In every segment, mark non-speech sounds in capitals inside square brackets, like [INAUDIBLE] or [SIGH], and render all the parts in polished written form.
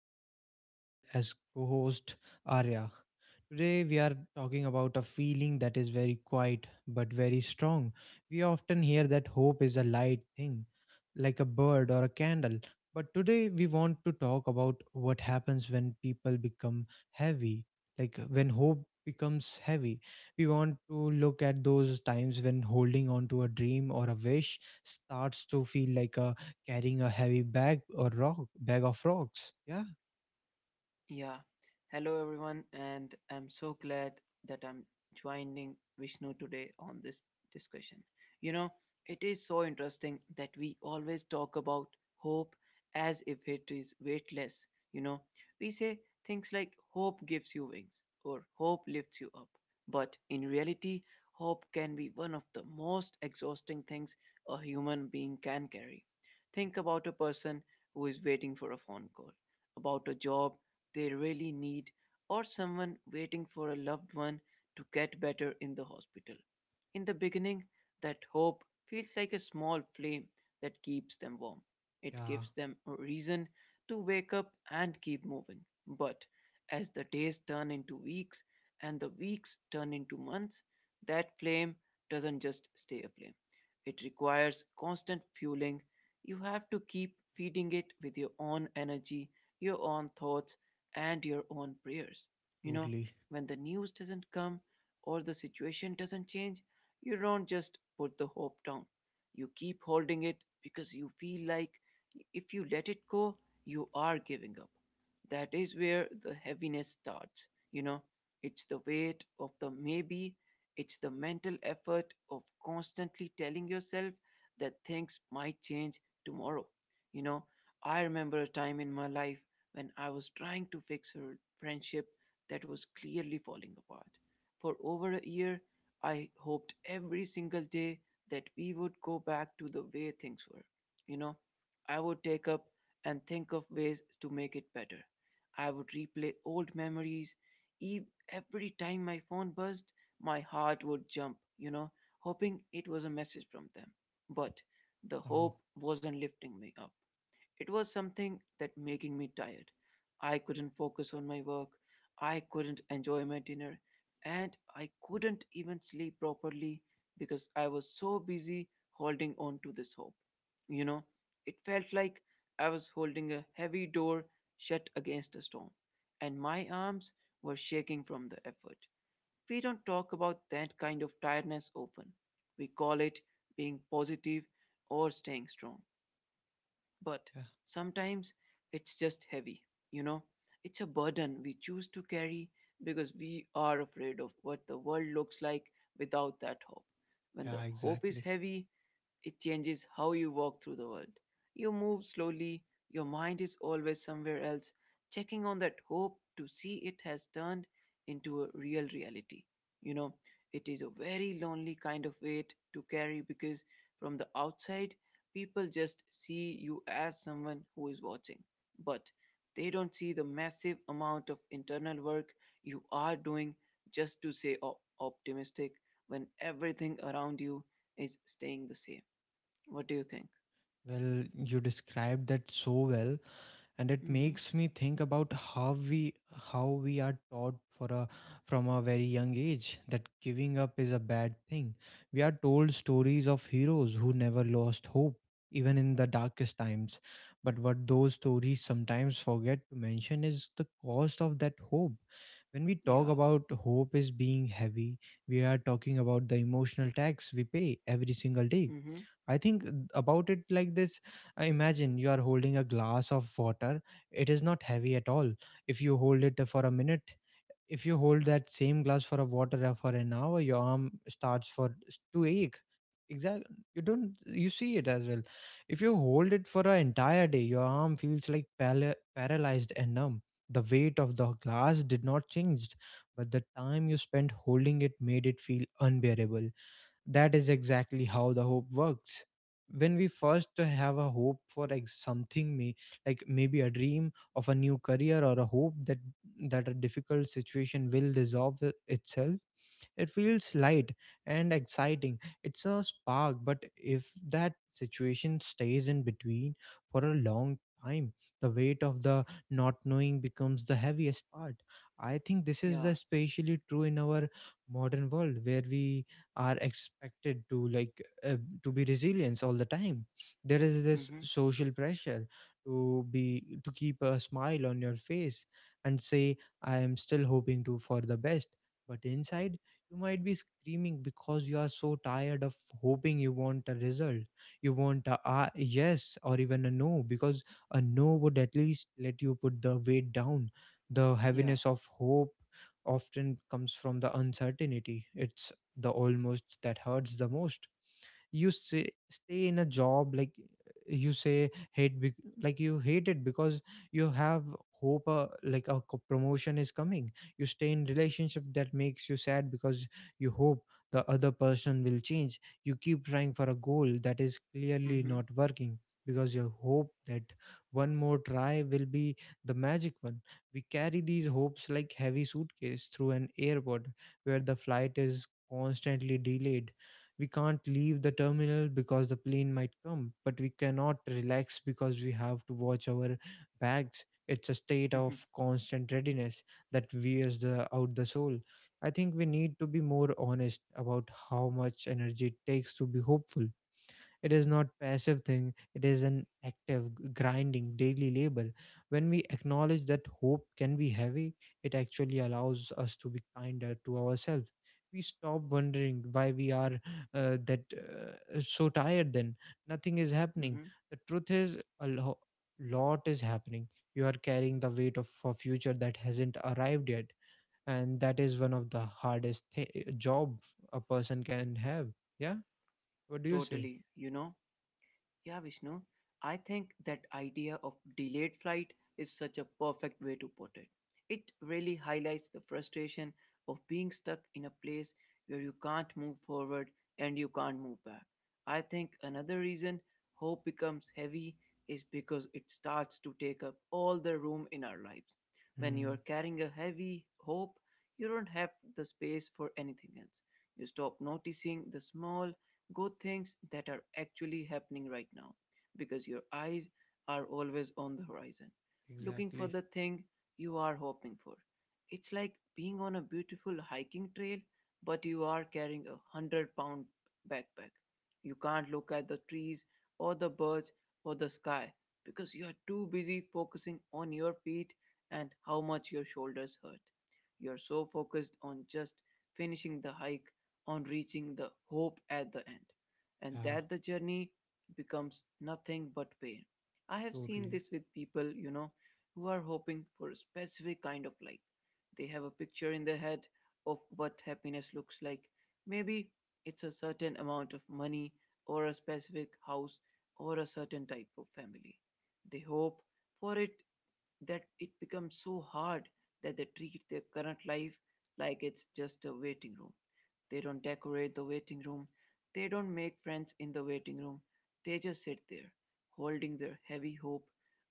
with my friend as co host, Arya. Today, we are talking about a feeling that is very quiet but very strong. We often hear that hope is a light thing, like a bird or a candle. But today, we want to talk about what happens when people become heavy, like when hope becomes heavy, we want to look at those times when holding on to a dream or a wish starts to feel like a carrying a heavy bag or rock bag of rocks. Yeah, Yeah. Hello, everyone, and I'm so glad that I'm joining Vishnu today on this discussion. You know, it is so interesting that we always talk about hope as if it is weightless. You know, we say things like hope gives you wings or hope lifts you up. But in reality, hope can be one of the most exhausting things a human being can carry. Think about a person who is waiting for a phone call about a job they really need or someone waiting for a loved one to get better in the hospital. In the beginning, that hope feels like a small flame that keeps them warm. It yeah, gives them a reason to wake up and keep moving. But as the days turn into weeks and the weeks turn into months, that flame doesn't just stay aflame. It requires constant fueling. You have to keep feeding it with your own energy, your own thoughts, and your own prayers. You know, totally. when the news doesn't come or the situation doesn't change, you don't just put the hope down. You keep holding it because you feel like if you let it go, you are giving up. That is where the heaviness starts. It's the weight of the maybe, it's the mental effort of constantly telling yourself that things might change tomorrow. You know, I remember a time in my life when I was trying to fix her friendship that was clearly falling apart. For over a year, I hoped every single day that we would go back to the way things were. You know, I would take up and think of ways to make it better. I would replay old memories. Ev- Every time my phone buzzed, my heart would jump, hoping it was a message from them. But the Oh, hope wasn't lifting me up. It was something that making me tired. I couldn't focus on my work. I couldn't enjoy my dinner. And I couldn't even sleep properly because I was so busy holding on to this hope. You know, it felt like I was holding a heavy door shut against a storm, and my arms were shaking from the effort. We don't talk about that kind of tiredness often. We call it being positive or staying strong, but yeah, sometimes it's just heavy, you know. It's a burden we choose to carry because we are afraid of what the world looks like without that hope. When the yeah, hope is exactly. heavy, it changes how you walk through the world. You move slowly, your mind is always somewhere else, checking on that hope to see it has turned into a real reality. You know, it is a very lonely kind of weight to carry because from the outside, people just see you as someone who is watching. But they don't see the massive amount of internal work you are doing just to say optimistic when everything around you is staying the same. What do you think? Well, you described that so well, and it Mm-hmm. makes me think about how we are taught for a from a very young age that giving up is a bad thing. We are told stories of heroes who never lost hope, even in the darkest times, but what those stories sometimes forget to mention is the cost of that hope. When we talk Yeah. about hope is being heavy, we are talking about the emotional tax we pay every single day. Mm-hmm. I think about it like this. Imagine you are holding a glass of water. It is not heavy at all. If you hold it for a minute, if you hold that same glass for a water for an hour, your arm starts for to ache. Exactly. You don't you see it as well. If you hold it for an entire day, your arm feels like paralyzed and numb. The weight of the glass did not change, but the time you spent holding it made it feel unbearable. That is exactly how the hope works. When we first have a hope for like something, may like maybe a dream of a new career or a hope that that a difficult situation will resolve itself, it feels light and exciting. It's a spark, but if that situation stays in between for a long time, the weight of the not knowing becomes the heaviest part. I think this is Yeah. especially true in our modern world where we are expected to like to be resilient all the time. There is this Mm-hmm. social pressure to keep a smile on your face and say, I am still hoping to for the best, but inside you might be screaming because you are so tired of hoping. You want a result. You want a yes or even a no, because a no would at least let you put the weight down. The Yeah. heaviness of hope often comes from the uncertainty. It's the almost that hurts the most. You say, stay in a job like you say hate bec- like you hate it because you have hope, like a promotion is coming. You stay in relationship that makes you sad because you hope the other person will change. You keep trying for a goal that is clearly Mm-hmm. not working because you hope that one more try will be the magic one. We carry these hopes like heavy suitcase through an airport where the flight is constantly delayed. We can't leave the terminal because the plane might come, but we cannot relax because we have to watch our bags. It's a state of Mm-hmm. constant readiness that wears out the soul. I think we need to be more honest about how much energy it takes to be hopeful. It is not passive thing. It is an active grinding daily labor. When we acknowledge that hope can be heavy, it actually allows us to be kinder to ourselves. We stop wondering why we are that so tired then nothing is happening. Mm-hmm. The truth is a lot is happening. You are carrying the weight of a future that hasn't arrived yet, and that is one of the hardest job a person can have. Yeah, what do you say? Totally. Yeah, Vishnu, I think that idea of delayed flight is such a perfect way to put it. It really highlights the frustration of being stuck in a place where you can't move forward and you can't move back. I think another reason hope becomes heavy is because it starts to take up all the room in our lives. When you are Hmm. carrying a heavy hope, you don't have the space for anything else. You stop noticing the small, go things that are actually happening right now because your eyes are always on the horizon, looking for Exactly. the thing you are hoping for. It's like being on a beautiful hiking trail, but you are carrying 100-pound backpack. You can't look at the trees or the birds or the sky because you are too busy focusing on your feet and how much your shoulders hurt. You are so focused on just finishing the hike, on reaching the hope at the end, and Yeah, that the journey becomes nothing but pain. I have seen totally. this with people, who are hoping for a specific kind of life. They have a picture in their head of what happiness looks like. Maybe it's a certain amount of money, or a specific house, or a certain type of family. They hope for it that it becomes so hard that they treat their current life like it's just a waiting room. They don't decorate the waiting room. They don't make friends in the waiting room. They just sit there, holding their heavy hope,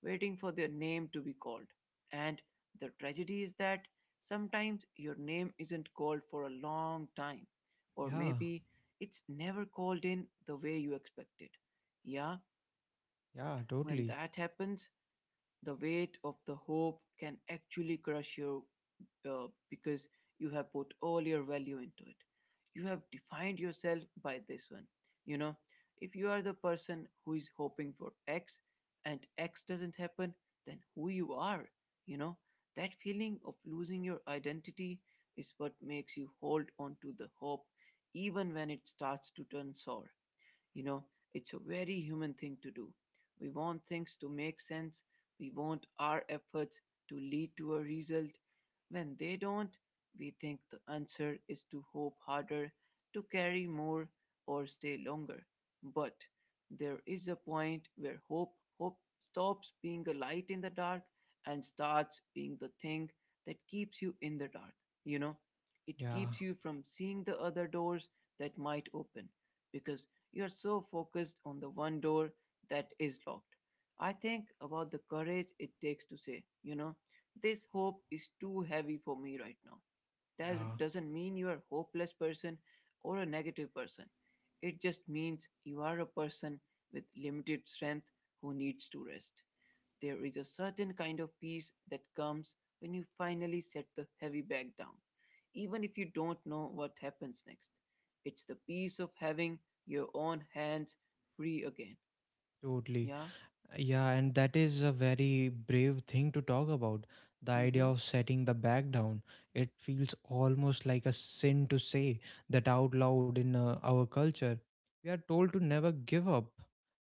waiting for their name to be called. And the tragedy is that sometimes your name isn't called for a long time, or Yeah, maybe it's never called in the way you expected. Yeah, yeah, when totally. that happens, the weight of the hope can actually crush you because you have put all your value into it. You have defined yourself by this one. You know, if you are the person who is hoping for X and X doesn't happen, then who you are, you know, that feeling of losing your identity is what makes you hold on to the hope even when it starts to turn sour. You know, it's a very human thing to do. We want things to make sense, we want our efforts to lead to a result. When they don't, we think the answer is to hope harder, to carry more, or stay longer. But there is a point where hope stops being a light in the dark and starts being the thing that keeps you in the dark. You know, it Yeah, keeps you from seeing the other doors that might open because you're so focused on the one door that is locked. I think about the courage it takes to say, this hope is too heavy for me right now. yeah, That doesn't mean you're a hopeless person or a negative person. It just means you are a person with limited strength who needs to rest. There is a certain kind of peace that comes when you finally set the heavy bag down, even if you don't know what happens next. It's the peace of having your own hands free again. totally. Yeah? Yeah, and that is a very brave thing to talk about. The Mm idea hmm. of setting the back down. It feels almost like a sin to say that out loud in our culture. We are told to never give up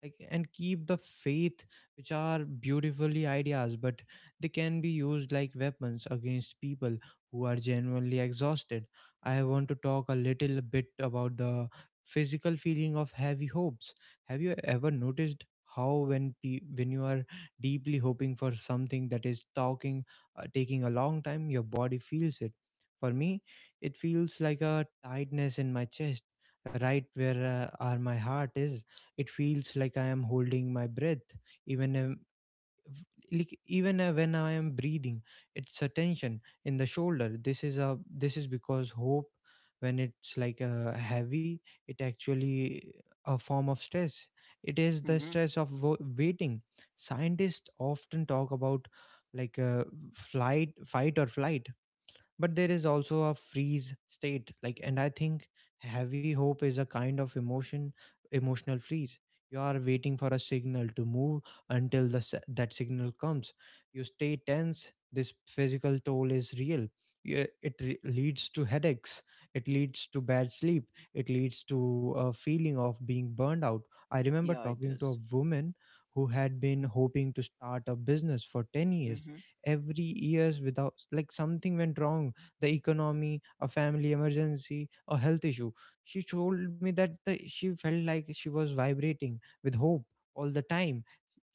like, and keep the faith, which are beautifully ideas, but they can be used like weapons against people who are genuinely exhausted. I want to talk a little bit about the physical feeling of heavy hopes. Have you ever noticed how when when you are deeply hoping for something that is talking taking a long time, your body feels it. For me, it feels like a tightness in my chest, right where are my heart is. It feels like I am holding my breath, even when I am breathing. It's a tension in the shoulder. This is a this is because hope, when it's like heavy, it actually a form of stress. It is the Mm hmm. stress of waiting. Scientists often talk about like flight fight or flight, but there is also a freeze state like, and I think heavy hope is a kind of emotional freeze. You are waiting for a signal to move. Until the that signal comes, you stay tense. This physical toll is real. Yeah, it leads to headaches. It leads to bad sleep. It leads to a feeling of being burned out. I remember Yeah, it talking to does. a woman who had been hoping to start a business for 10 Mm years. hmm. Every years without like something went wrong: the economy, a family emergency, a health issue. She told me that she felt like she was vibrating with hope all the time.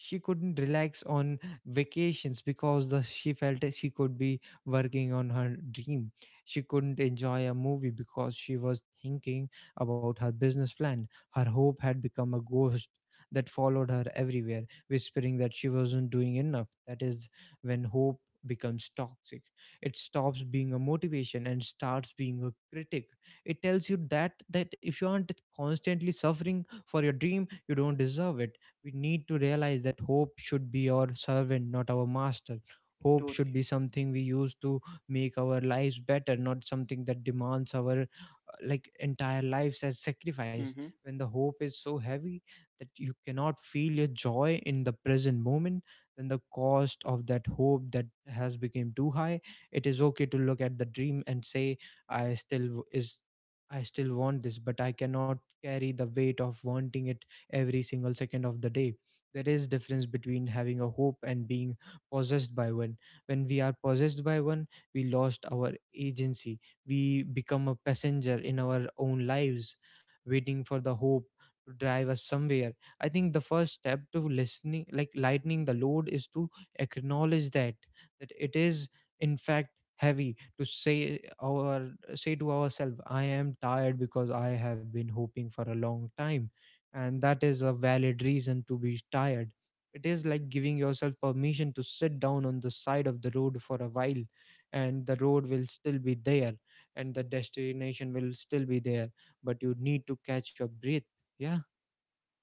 She couldn't relax on vacations because she felt that she could be working on her dream. She couldn't enjoy a movie because she was thinking about her business plan. Her hope had become a ghost that followed her everywhere, whispering that she wasn't doing enough. That is when hope becomes toxic. It stops being a motivation and starts being a critic. It tells you that that if you aren't constantly suffering for your dream, you don't deserve it. We need to realize that hope should be our servant, not our master. Hope should be Totally. something we use to make our lives better, not something that demands our like entire lives as sacrifice. Mm hmm. When the hope is so heavy that you cannot feel your joy in the present moment, then the cost of that hope that has become too high. It is okay to look at the dream and say, I still w- is I still want this, but I cannot carry the weight of wanting it every single second of the day. There is difference between having a hope and being possessed by one. When we are possessed by one, we lost our agency. We become a passenger in our own lives, waiting for the hope to drive us somewhere. I think the first step to listening, like lightening the load, is to acknowledge that that it is in fact heavy. To say our say to ourselves, I am tired because I have been hoping for a long time, and that is a valid reason to be tired. It is like giving yourself permission to sit down on the side of the road for a while, and the road will still be there, and the destination will still be there, but you need to catch your breath. Yeah,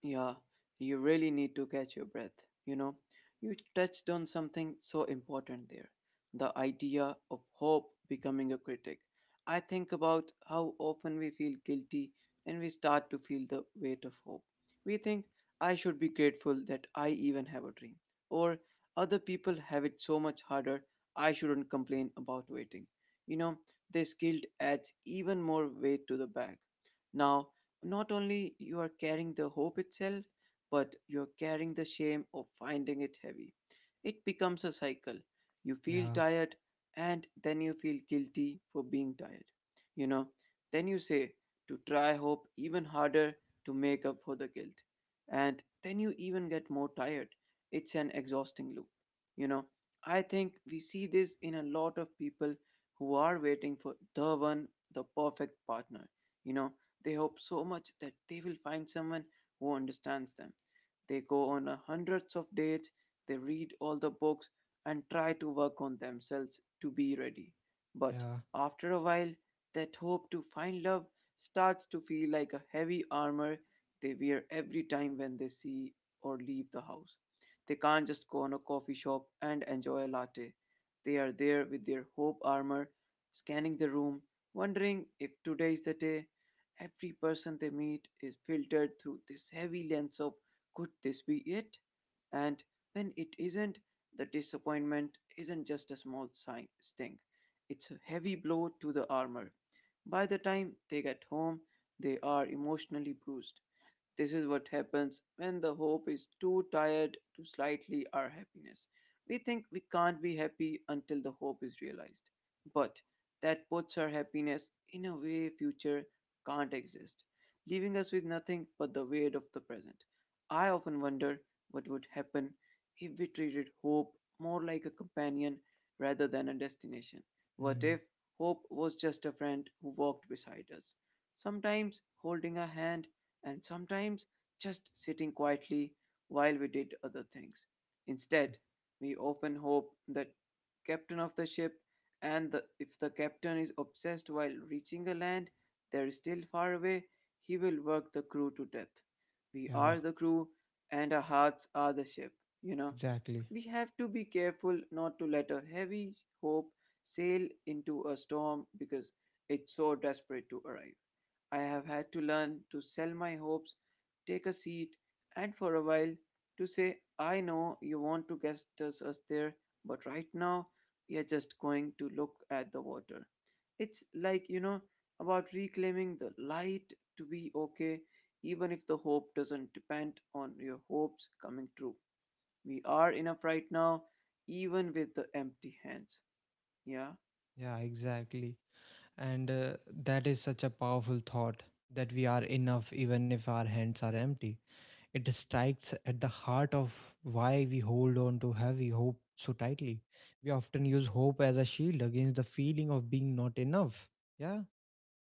Yeah, you really need to catch your breath. You know, you touched on something so important there, the idea of hope becoming a critic. I think about how often we feel guilty when we start to feel the weight of hope. We think, I should be grateful that I even have a dream, or other people have it so much harder, I shouldn't complain about waiting. You know, this guilt adds even more weight to the bag. Now, not only you are carrying the hope itself, but you're carrying the shame of finding it heavy. It becomes a cycle. You feel yeah, tired, and then you feel guilty for being tired. you know then you say to try hope even harder to make up for the guilt, and then you even get more tired. It's an exhausting loop you know i think we see this in a lot of people who are waiting for the one, the perfect partner you know they hope so much that they will find someone who understands them. They go on a hundreds of dates, they read all the books and try to work on themselves to be ready. But yeah, after a while, that hope to find love starts to feel like a heavy armor they wear every time when they see or leave the house. They can't just go on a coffee shop and enjoy a latte. They are there with their hope armor, scanning the room, wondering if today is the day. Every person they meet is filtered through this heavy lens of, could this be it? And when it isn't, the disappointment isn't just a small sting, it's a heavy blow to the armor. By the time they get home, they are emotionally bruised. This is what happens when the hope is too tired to slightly our happiness. We think we can't be happy until the hope is realized. But that puts our happiness in a way future can't exist, leaving us with nothing but the weight of the present. I often wonder what would happen if we treated hope more like a companion rather than a destination. What mm, if hope was just a friend who walked beside us, sometimes holding a hand and sometimes just sitting quietly while we did other things? Instead, we often hope that captain of the ship, and if the captain is obsessed while reaching a land that is still far away, he will work the crew to death. We yeah, are the crew and our hearts are the ship, you know. exactly. We have to be careful not to let a heavy hope sail into a storm because it's so desperate to arrive. I have had to learn to sell my hopes, take a seat, and for a while to say, I know you want to get us there, but right now we are just going to look at the water. It's like, you know, about reclaiming the light to be okay, even if the hope doesn't depend on your hopes coming true. We are enough right now, even with the empty hands. Yeah. Yeah, exactly. And that is such a powerful thought, that we are enough even if our hands are empty. It strikes at the heart of why we hold on to heavy hope so tightly. We often use hope as a shield against the feeling of being not enough. Yeah,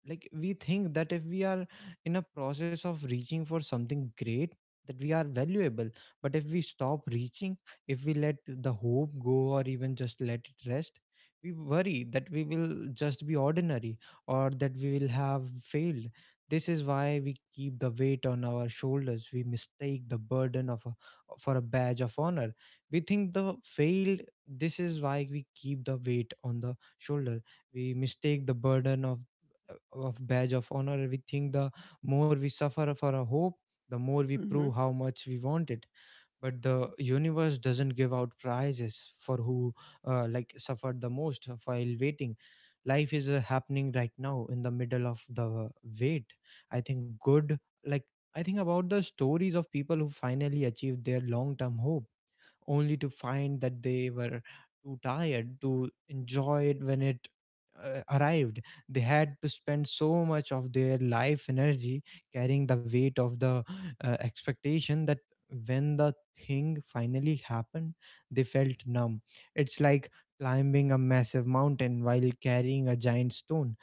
like we think that if we are in a process of reaching for something great that we are valuable, but if we stop reaching, if we let the hope go or even just let it rest, we worry that we will just be ordinary or that we will have failed. This is why we keep the weight on our shoulders. We mistake the burden for a badge of honor. We think the failed this is why we keep the weight on the shoulder we mistake the burden of badge of honor we think the more we suffer for a hope, the more we Mm-hmm. prove how much we want it. But the universe doesn't give out prizes for who like suffered the most while waiting. Life is happening right now in the middle of the wait. I think good like I think about the stories of people who finally achieved their long term hope, only to find that they were too tired to enjoy it when it arrived. They had to spend so much of their life energy carrying the weight of the expectation that when the thing finally happened, they felt numb. It's like climbing a massive mountain while carrying a giant stone.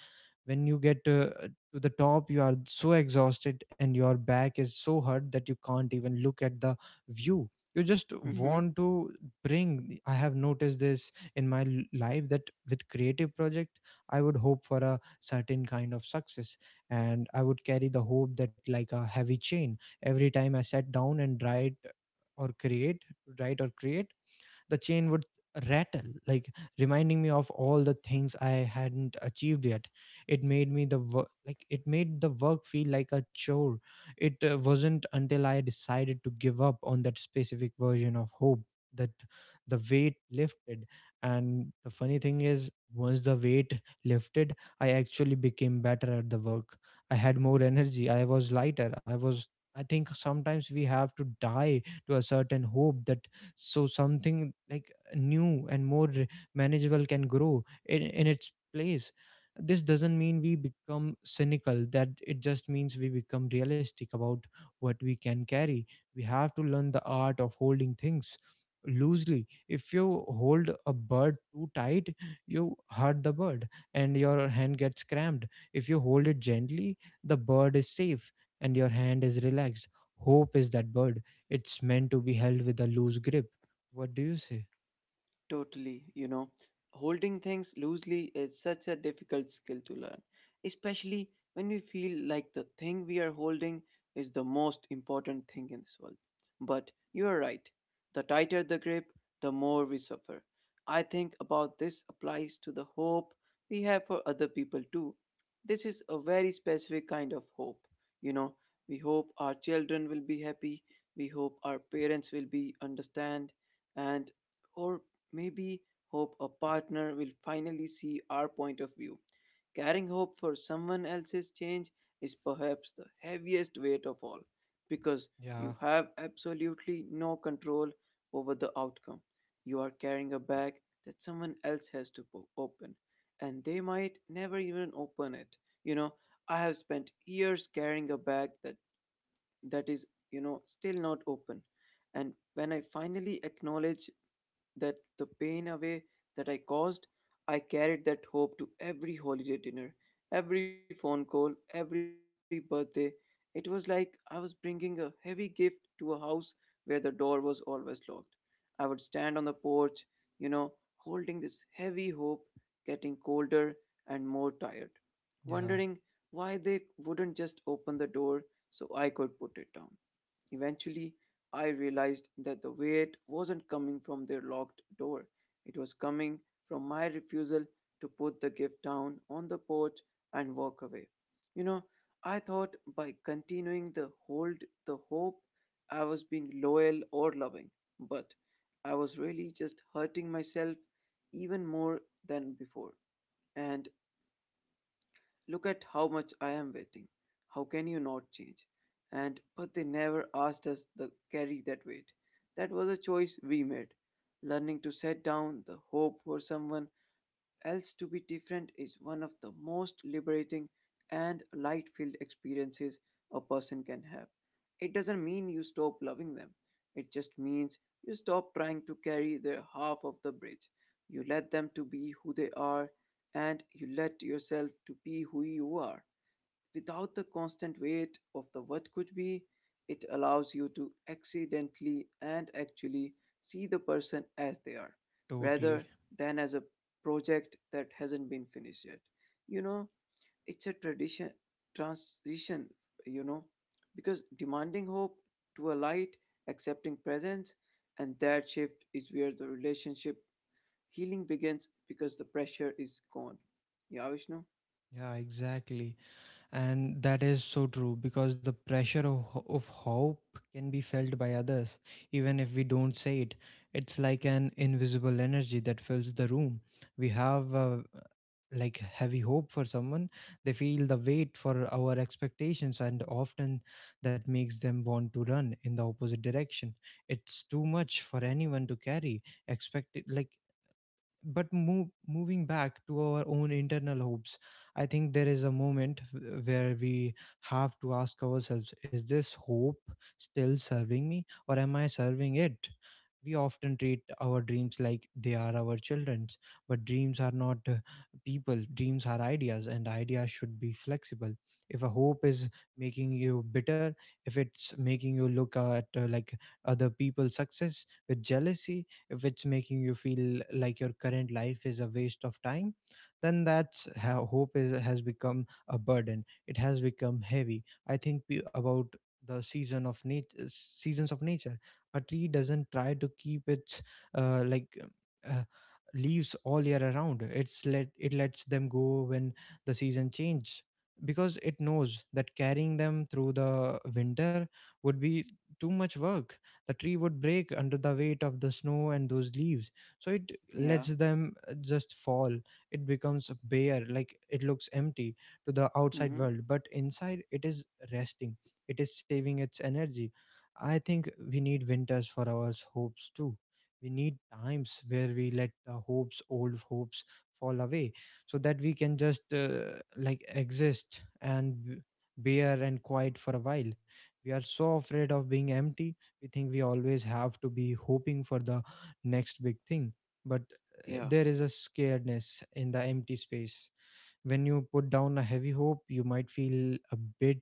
When you get to the top, you are so exhausted and your back is so hurt that you can't even look at the view. you just Mm-hmm. want to bring I have noticed this in my life that with creative project, I would hope for a certain kind of success, and I would carry the hope that like a heavy chain every time I sat down and or create write or create. The chain would rattle, like reminding me of all the things I hadn't achieved yet. It made the work feel like a chore. It wasn't until I decided to give up on that specific version of hope that the weight lifted. And the funny thing is, once the weight lifted, I actually became better at the work. I had more energy, I was lighter, I was. I think sometimes we have to die to a certain hope that so something like new and more manageable can grow in its place. This doesn't mean we become cynical, that it just means we become realistic about what we can carry. We have to learn the art of holding things loosely. If you hold a bird too tight, you hurt the bird and your hand gets cramped. If you hold it gently, the bird is safe and your hand is relaxed. Hope is that bird. It's meant to be held with a loose grip. What do you say? Totally, you know, holding things loosely is such a difficult skill to learn, especially when we feel like the thing we are holding is the most important thing in this world. But you are right, the tighter the grip, the more we suffer. I think about this applies to the hope we have for other people too. This is a very specific kind of hope. You know, we hope our children will be happy, we hope our parents will be understand and or maybe hope a partner will finally see our point of view. Carrying hope for someone else's change is perhaps the heaviest weight of all because Yeah, you have absolutely no control over the outcome. You are carrying a bag that someone else has to open, and they might never even open it. You know, I have spent years carrying a bag that that is, you know, still not open. And when I finally acknowledge that the pain away that I caused, I carried that hope to every holiday dinner, every phone call, every birthday. It was like I was bringing a heavy gift to a house where the door was always locked. I would stand on the porch, you know, holding this heavy hope, getting colder and more tired, yeah, wondering why they wouldn't just open the door so I could put it down. Eventually, I realized that the weight wasn't coming from their locked door. It was coming from my refusal to put the gift down on the porch and walk away. You know, I thought by continuing to hold the hope, I was being loyal or loving, but I was really just hurting myself even more than before. And look at how much I am waiting. How can you not change? And but they never asked us to carry that weight. That was a choice we made. Learning to set down the hope for someone else to be different is one of the most liberating and light filled experiences a person can have. It doesn't mean you stop loving them, it just means you stop trying to carry their half of the bridge. You let them to be who they are and you let yourself to be who you are without the constant weight of the what could be, it allows you to accidentally and actually see the person as they are, totally. rather than as a project that hasn't been finished yet. You know, it's a tradition transition, you know, because demanding hope to a light, accepting presence, and that shift is where the relationship healing begins because the pressure is gone. Yeah, Vishnu? Yeah, exactly. And that is so true, because the pressure of hope can be felt by others even if we don't say it. It's like an invisible energy that fills the room. We have like heavy hope for someone, they feel the weight for our expectations, and often that makes them want to run in the opposite direction. It's too much for anyone to carry. Expect like, but moving back to our own internal hopes. I think there is a moment where we have to ask ourselves, is this hope still serving me, or am I serving it? We often treat our dreams like they are our children's, but dreams are not people. Dreams are ideas, and ideas should be flexible. If a hope is making you bitter, if it's making you look at like other people's success with jealousy, if it's making you feel like your current life is a waste of time, then that's how hope is has become a burden. It has become heavy. I think about the seasons of nature. A tree doesn't try to keep its uh, like uh, leaves all year around. It's lets them go when the season changes, because it knows that carrying them through the winter would be too much work. The tree would break under the weight of the snow and those leaves. So it Yeah. lets them just fall. It becomes bare, like it looks empty to the outside Mm-hmm. world, but inside it is resting. It is saving its energy. I think we need winters for our hopes too. We need times where we let the hopes old hopes fall away, so that we can just like exist and bare and quiet for a while. We are so afraid of being empty. We think we always have to be hoping for the next big thing. But Yeah. there is a scaredness in the empty space. When you put down a heavy hope, you might feel a bit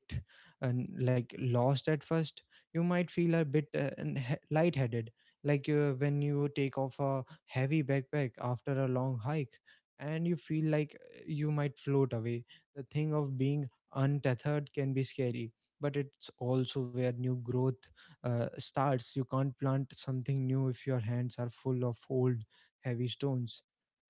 uh, like lost at first. You might feel a bit lightheaded, like when you take off a heavy backpack after a long hike, and you feel like you might float away. The thing of being untethered can be scary, but it's also where new growth starts. You can't plant something new if your hands are full of old heavy stones.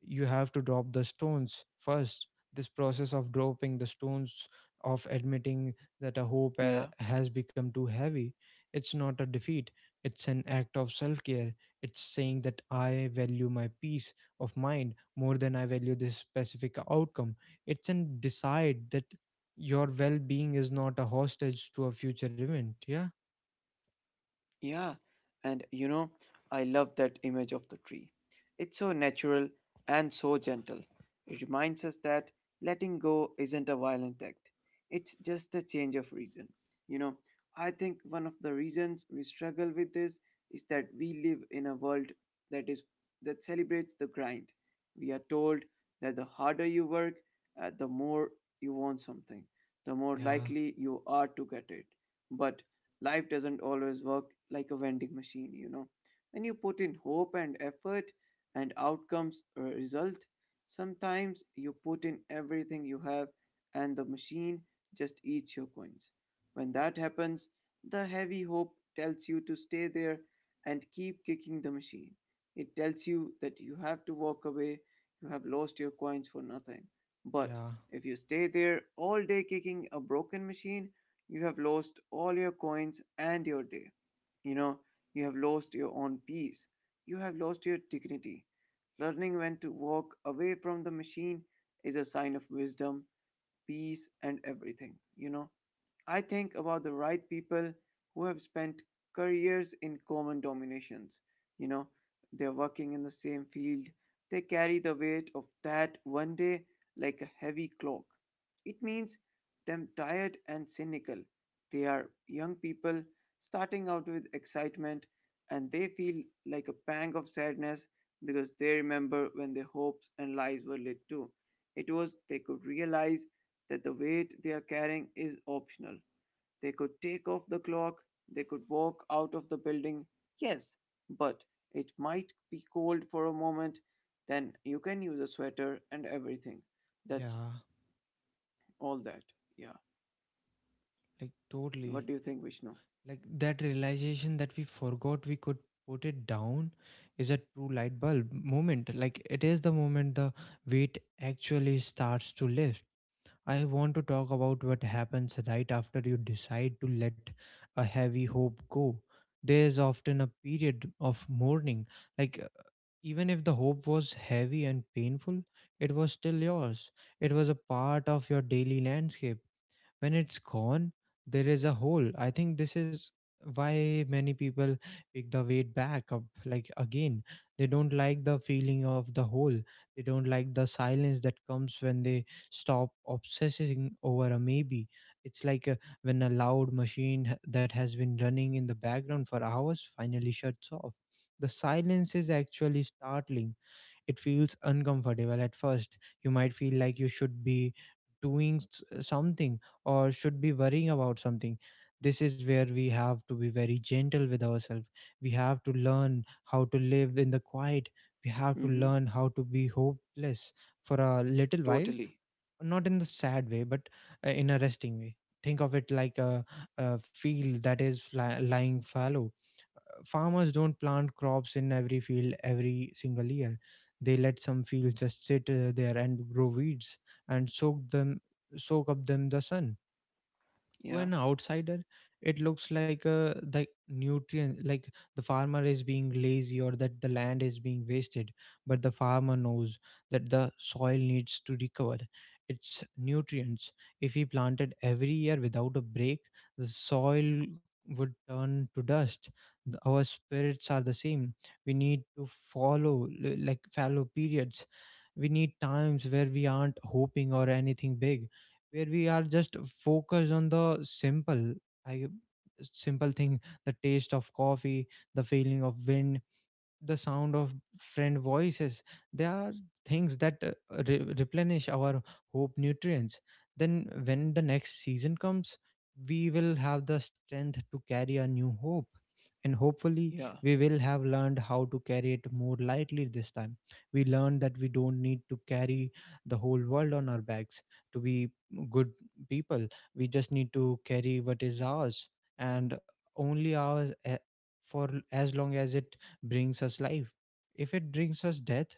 You have to drop the stones first. This process of dropping the stones, of admitting that a hope Yeah. has become too heavy, it's not a defeat. It's an act of self care. It's saying that I value my peace of mind more than I value this specific outcome. It's an decide that your well being is not a hostage to a future event. Yeah. Yeah, and you know, I love that image of the tree. It's so natural and so gentle. It reminds us that letting go isn't a violent act, it's just a change of reason. You know, I think one of the reasons we struggle with this is that we live in a world that is that celebrates the grind. We are told that the harder you work, the more you want something, the more Yeah. likely you are to get it. But life doesn't always work like a vending machine, you know. When you put in hope and effort and outcomes result, sometimes you put in everything you have and the machine just eats your coins. When that happens, the heavy hope tells you to stay there and keep kicking the machine. It tells you that you have to walk away, you have lost your coins for nothing. But Yeah. if you stay there all day kicking a broken machine, you have lost all your coins and your day. You know, you have lost your own peace. You have lost your dignity. Learning when to walk away from the machine is a sign of wisdom, peace, and everything. You know, I think about the right people who have spent careers in common dominations. You know, they're working in the same field. They carry the weight of that one day like a heavy cloak. It means them tired and cynical. They are young people starting out with excitement and they feel like a pang of sadness because they remember when their hopes and lies were lit too. It was they could realize that the weight they are carrying is optional. They could take off the clock, they could walk out of the building. Yes, but it might be cold for a moment, then you can use a sweater and everything. That's Yeah. all that. Yeah. Like, What totally. do you think, Vishnu? Like that realization that we forgot we could put it down is a true light bulb moment. Like it is the moment the weight actually starts to lift. I want to talk about what happens right after you decide to let a heavy hope go. There is often a period of mourning. Like, even if the hope was heavy and painful, it was still yours. It was a part of your daily landscape. When it's gone, there is a hole. I think this is why many people pick the weight back up like again. They don't like the feeling of the hole. They don't like the silence that comes when they stop obsessing over a maybe. It's like when a loud machine that has been running in the background for hours finally shuts off, the silence is actually startling. It feels uncomfortable at first. You might feel like you should be doing something, or should be worrying about something. This is where we have to be very gentle with ourselves. We have to learn how to live in the quiet. We have to Mm-hmm. learn how to be hopeless for a little while, Totally. not in the sad way, but in a resting way. Think of it like a field that is lying fallow. Farmers don't plant crops in every field every single year. They let some fields just sit there and grow weeds and soak up the sun. To Yeah. an outsider, it looks like the nutrient like the farmer is being lazy or that the land is being wasted, but the farmer knows that the soil needs to recover its nutrients. If he planted every year without a break, the soil would turn to dust. Our spirits are the same. We need to follow like fallow periods. We need times where we aren't hoping or anything big, where we are just focused on the i simple thing. The taste of coffee, the feeling of wind, the sound of friend voices. There are things that replenish our hope nutrients. Then when the next season comes, we will have the strength to carry a new hope, and hopefully Yeah. we will have learned how to carry it more lightly this time. We learned that we don't need to carry the whole world on our backs to be good people. We just need to carry what is ours and only ours, for as long as it brings us life. If it brings us death,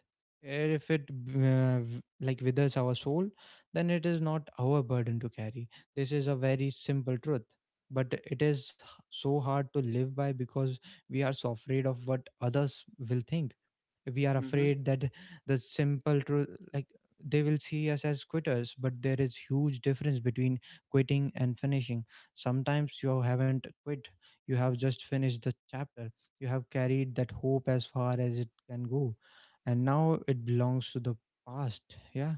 if it like withers our soul, then it is not our burden to carry. This is a very simple truth, but it is so hard to live by, because we are so afraid of what others will think. We are Mm-hmm. afraid that the simple truth like they will see us as quitters. But there is huge difference between quitting and finishing. Sometimes you haven't quit, you have just finished the chapter. You have carried that hope as far as it can go, and now it belongs to the past. Yeah.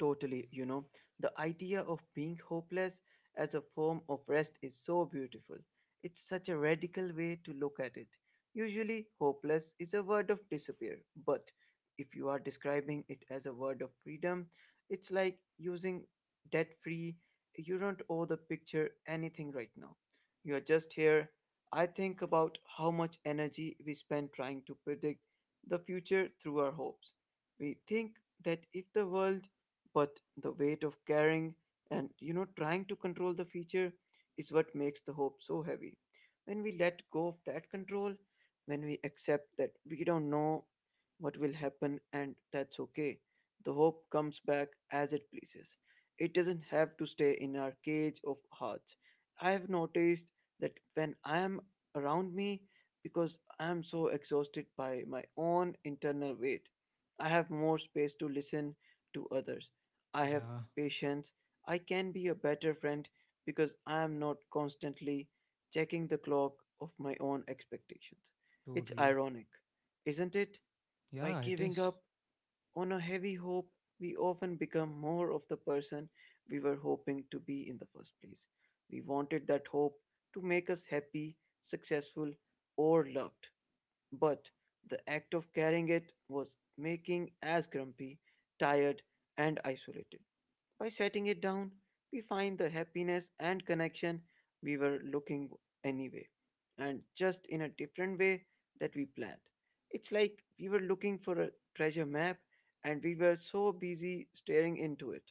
Totally, you know, the idea of being hopeless as a form of rest is so beautiful. It's such a radical way to look at it. Usually, hopeless is a word of disappear, but if you are describing it as a word of freedom, it's like using debt free. You don't owe the picture anything right now. You are just here. I think about how much energy we spend trying to predict the future through our hopes. We think that if the world but the weight of caring and you know trying to control the future is what makes the hope so heavy when we let go of that control when we accept that we don't know what will happen and that's okay the hope comes back as it pleases it doesn't have to stay in our cage of hearts I have noticed that when I am around me because I am so exhausted by my own internal weight I have more space to listen to others. I have Yeah, patience. I can be a better friend because I am not constantly checking the clock of my own expectations. It's totally. ironic, isn't it? By Yeah, it giving is. up on a heavy hope, we often become more of the person we were hoping to be in the first place. We wanted that hope to make us happy, successful, or loved. But the act of carrying it was making us grumpy, tired, and isolated. By setting it down, we find the happiness and connection we were looking anyway, and just in a different way that we planned. It's like we were looking for a treasure map and we were so busy staring into it.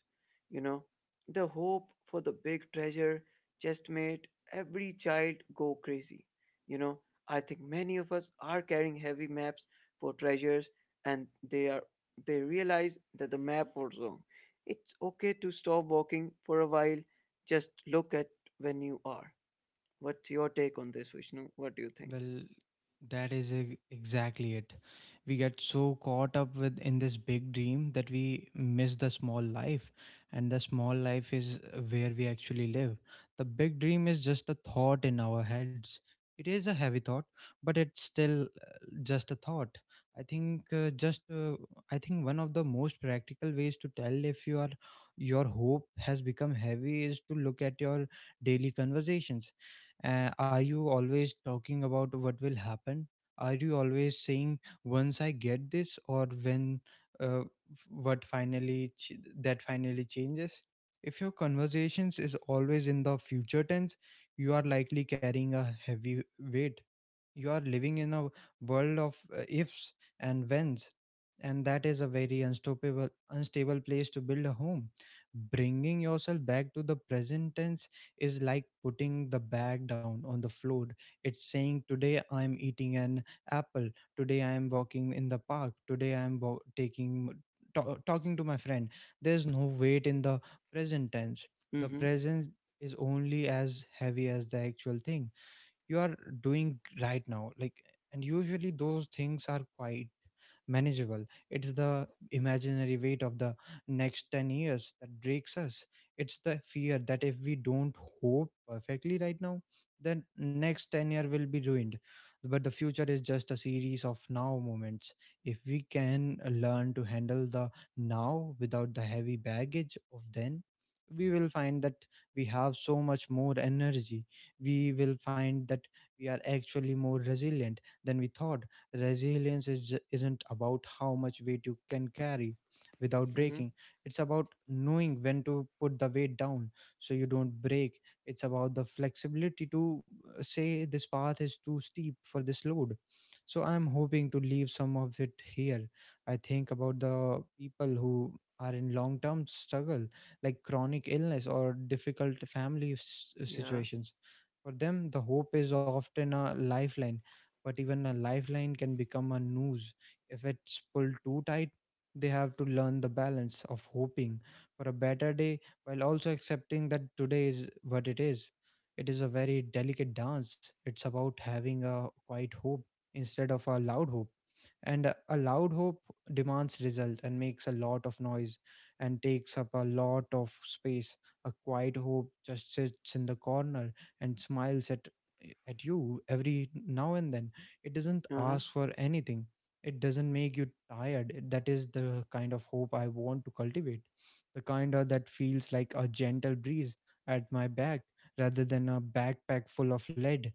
You know, the hope for the big treasure just made every child go crazy. You know, I think many of us are carrying heavy maps for treasures and they are they realize that the map was wrong it's okay to stop walking for a while. Just look at when you are. What's your take on this, Vishnu? What do you think? Well, that is exactly it. We get so caught up with in this big dream that we miss the small life, and the small life is where we actually live. The big dream is just a thought in our heads. It is a heavy thought, but it's still just a thought. I think uh, just uh, I think one of the most practical ways to tell if your hope has become heavy is to look at your daily conversations. Uh, are you always talking about what will happen? Are you always saying once I get this, or when f- what finally that finally changes? If your conversations is always in the future tense, you are likely carrying a heavy weight. You are living in a world of ifs and whens, and that is a very unstoppable unstable place to build a home. Bringing yourself back to the present tense is like putting the bag down on the floor. It's saying today I am eating an apple, today I am walking in the park, today I am talking to my friend. There's no weight in the present tense. The Mm-hmm. present is only as heavy as the actual thing you are doing right now, like, and usually those things are quiet, manageable. It's the imaginary weight of the next 10 years that breaks us. It's the fear that if we don't hope perfectly right now, then next 10-year will be ruined. But the future is just a series of now moments. If we can learn to handle the now without the heavy baggage of then, we will find that we have so much more energy. We will find that we are actually more resilient than we thought. Resilience isn't about how much weight you can carry without Mm-hmm. breaking. It's about knowing when to put the weight down so you don't break. It's about the flexibility to say this path is too steep for this load, so I'm hoping to leave some of it here. I think about the people who are in long term struggle, like chronic illness or difficult family Yeah. situations. For them the hope is often a lifeline, but even a lifeline can become a noose if it's pulled too tight. They have to learn the balance of hoping for a better day while also accepting that today is what it is. It is a very delicate dance. It's about having a quiet hope instead of a loud hope. And a loud hope demands result and makes a lot of noise and takes up a lot of space. A quiet hope just sits in the corner and smiles at you every now and then. It doesn't Uh-huh. ask for anything. It doesn't make you tired. That is the kind of hope I want to cultivate. The kind of that feels like a gentle breeze at my back rather than a backpack full of lead.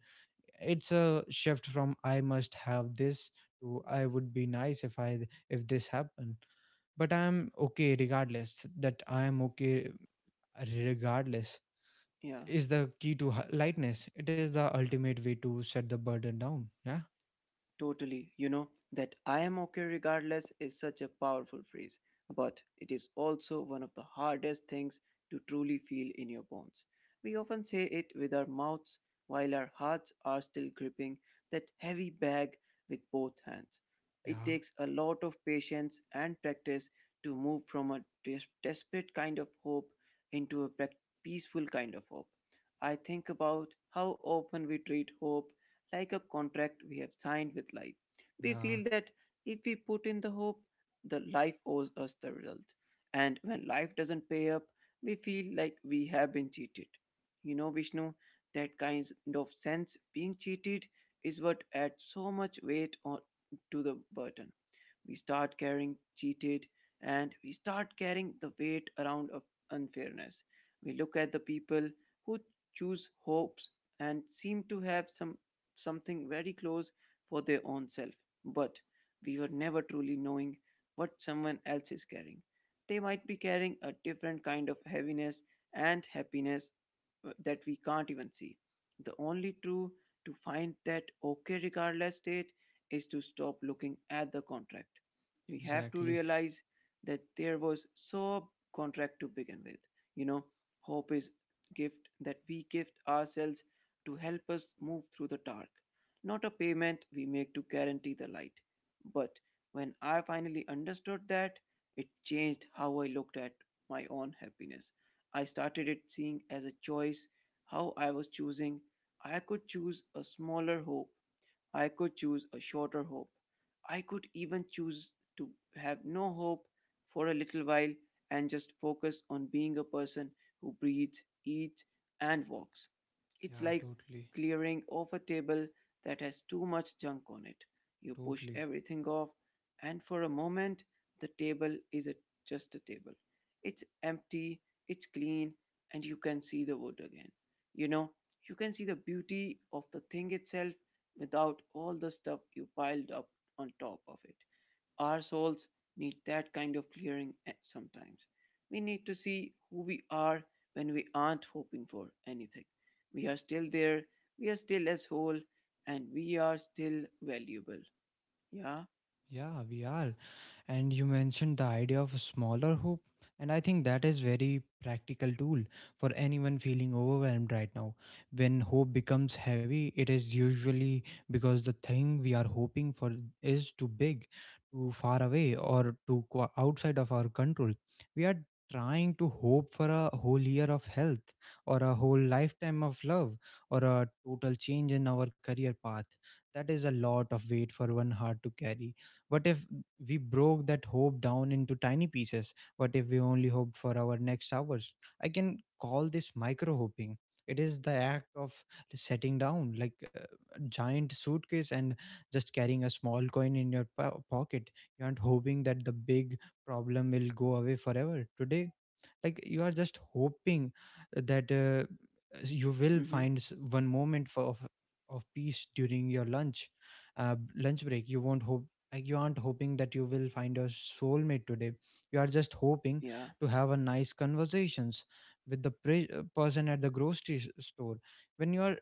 It's a shift from "I must have this" to "I would be nice if I if this happened. But I'm okay regardless." That I am okay regardless Yeah. is the key to lightness. It is the ultimate way to set the burden down. Yeah. Totally. You know, that I am okay regardless is such a powerful phrase, but it is also one of the hardest things to truly feel in your bones. We often say it with our mouths while our hearts are still gripping that heavy bag with both hands. It Yeah. takes a lot of patience and practice to move from a desperate kind of hope into a peaceful kind of hope. I think about how often we treat hope like a contract we have signed with life. We Yeah. feel that if we put in the hope, the life owes us the result. And when life doesn't pay up, we feel like we have been cheated. You know, Vishnu, that kind of sense being cheated is what adds so much weight on, to the burden we start getting cheated and we start carrying the weight around of unfairness. We look at the people who choose hopes and seem to have some something very close for their own self, but we were never truly knowing what someone else is carrying. They might be carrying a different kind of heaviness and happiness that we can't even see. The only true to find that okay regardless state is to stop looking at the contract. We have to Exactly. realize that there was sub contract to begin with. You know, hope is gift that we gift ourselves to help us move through the dark, not a payment we make to guarantee the light. But when I finally understood that, it changed how I looked at my own happiness. I started it seeing as a choice, how I was choosing. I could choose a smaller hope I could choose a shorter hope. I could even choose to have no hope for a little while and just focus on being a person who breathes, eats, and walks. It's Yeah, like totally. clearing off a table that has too much junk on it. You push Totally. everything off, and for a moment, the table is just a table. It's empty, it's clean, and you can see the wood again. You know, you can see the beauty of the thing itself without all the stuff you piled up on top of it. Our souls need that kind of clearing sometimes. We need to see who we are when we aren't hoping for anything. We are still there, we are still as whole, and we are still valuable. Yeah? Yeah, we are. And you mentioned the idea of a smaller hoop, and I think that is very practical tool for anyone feeling overwhelmed right now. When hope becomes heavy it is usually because the thing we are hoping for is too big, too far away, or too outside of our control. We are trying to hope for a whole year of health, or a whole lifetime of love, or a total change in our career path. That is a lot of weight for one heart to carry. What if we broke that hope down into tiny pieces? What if we only hoped for our next hours? I can call this micro hoping. It is the act of setting down like a giant suitcase and just carrying a small coin in your pocket. You aren't hoping that the big problem will go away forever today. Like, you are just hoping that you will Mm hmm. find one moment of peace during your lunch lunch break. You won't hope, like, you aren't hoping that you will find a soulmate today. You are just hoping Yeah? to have a nice conversations with the person at the grocery store. When you are,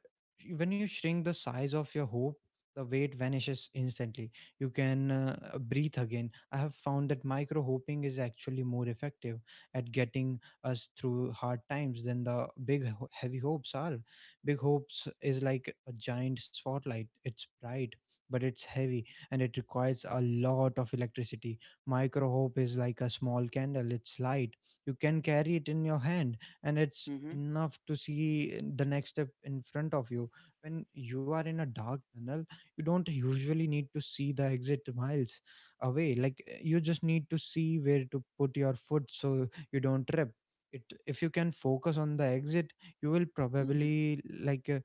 when you shrink the size of your hope, the weight vanishes instantly. You can breathe again. I have found that micro hoping is actually more effective at getting us through hard times than the heavy hopes are. Big hopes is like a giant spotlight, it's bright, but it's heavy and it requires a lot of electricity. Micro hope is like a small candle, it's light. You can carry it in your hand, and it's Mm hmm. enough to see the next step in front of you. When you are in a dark tunnel, you don't usually need to see the exit miles away. Like, you just need to see where to put your foot so you don't trip. It, if you can focus on the exit, you will Mm hmm. probably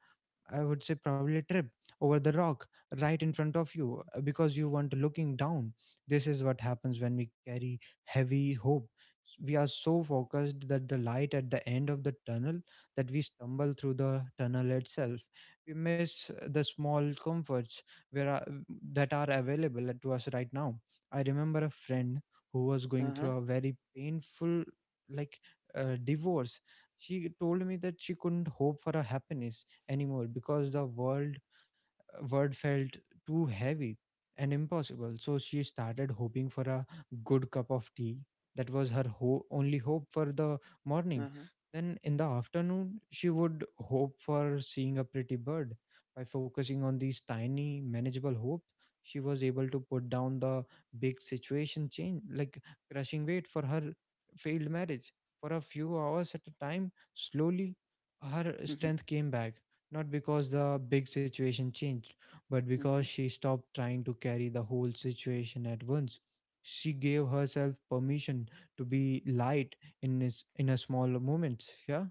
I would say probably trip over the rock right in front of you because you weren't looking down. This is what happens when we carry heavy hope. We are so focused that the light at the end of the tunnel that we stumble through the tunnel itself. We miss the small comforts where are, that are available to us right now. I remember a friend who was going Uh huh. through a very painful like divorce. She told me that she couldn't hope for a happiness anymore because the world word felt too heavy and impossible, so she started hoping for a good cup of tea. That was her only hope for the morning. Uh huh. Then in the afternoon, she would hope for seeing a pretty bird. By focusing on these tiny, manageable hopes, she was able to put down the big situation change, like crushing weight for her failed marriage. For a few hours at a time, slowly her Mm strength came back, not because the big situation changed, but because hmm. [LAUGHS] she stopped trying to carry the whole situation at once. She gave herself permission to be light in a small moments. Yeah,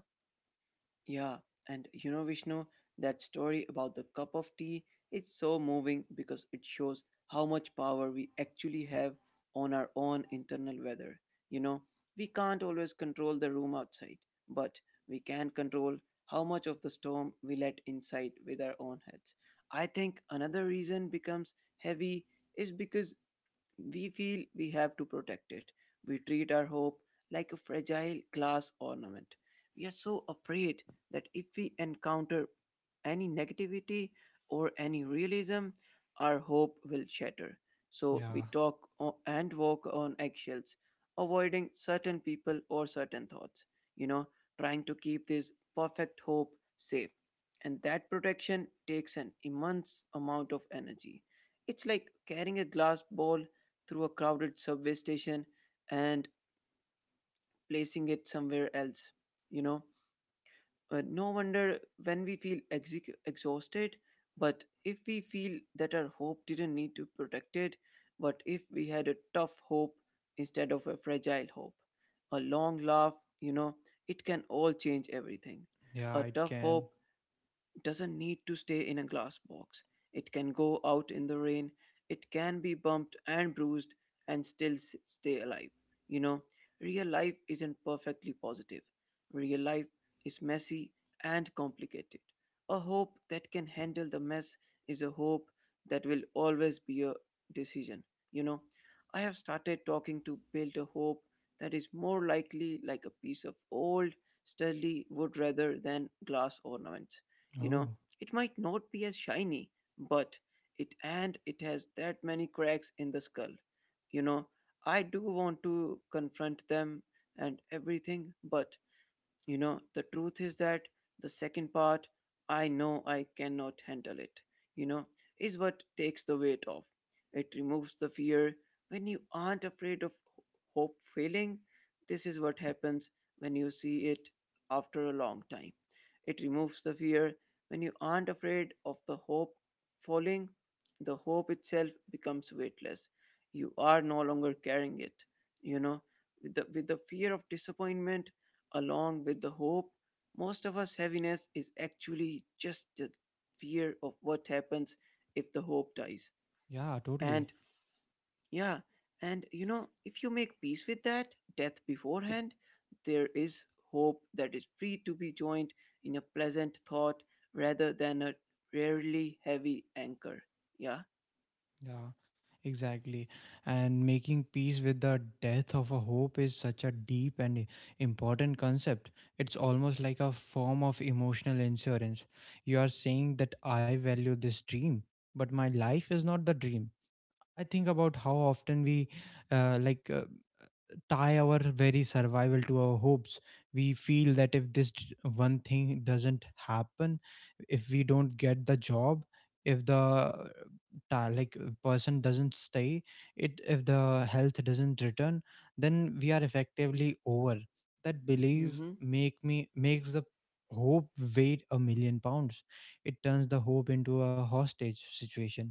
Yeah, and Vishnu, that story about the cup of tea is so moving because it shows how much power we actually have on our own internal weather. You know, we can't always control the room outside, but we can control how much of the storm we let inside with our own heads. I think another reason becomes heavy is because we feel we have to protect it. We treat our hope like a fragile glass ornament. We are so afraid that if we encounter any negativity or any realism, our hope will shatter. So we yeah, and walk on eggshells, avoiding certain people or certain thoughts, you know, trying to keep this perfect hope safe. And that protection takes an immense amount of energy. It's like carrying a glass bowl through a crowded subway station and placing it somewhere else. You know, no wonder when we feel exhausted, but if we feel that our hope didn't need to protect it, but if we had a tough hope instead of a fragile hope, a long laugh, you know, it can all change everything. A yeah. It tough can. hope doesn't need to stay in a glass box. It can go out in the rain, it can be bumped and bruised and still stay alive. You know, real life isn't perfectly positive. Real life is messy and complicated. A hope that can handle the mess is a hope that will always be a decision. You know, I have started talking to build a hope that is more likely like a piece of old sturdy wood rather than glass ornaments. you know Oh, it might not be as shiny, but it and it has that many cracks in the skull. you know I do want to confront them and everything, but the truth is that the second part, I know I cannot handle it, you know, is what takes the weight off. It removes the fear. When you aren't afraid of ho- hope failing, this is what happens when you see it after a long time. It removes the fear. When you aren't afraid of the hope falling, the hope itself becomes weightless. You are no longer carrying it, you know, with the fear of disappointment along with the hope. Most of us heaviness is actually just the fear of what happens if the hope dies. yeah, totally. And yeah, and if you make peace with that death beforehand, there is hope that is free to be joined in a pleasant thought rather than a rarely heavy anchor. Yeah. Yeah. Exactly. And making peace with the death of a hope is such a deep and important concept. It's almost like a form of emotional insurance. You are saying that I value this dream, but my life is not the dream. I think about how often we uh, like uh, tie our very survival to our hopes. We feel that if this one thing doesn't happen, if we don't get the job, if the person doesn't stay, it if the health doesn't return, then we are effectively over. That belief Mm-hmm. make me makes the hope weigh a million pounds. It turns the hope into a hostage situation.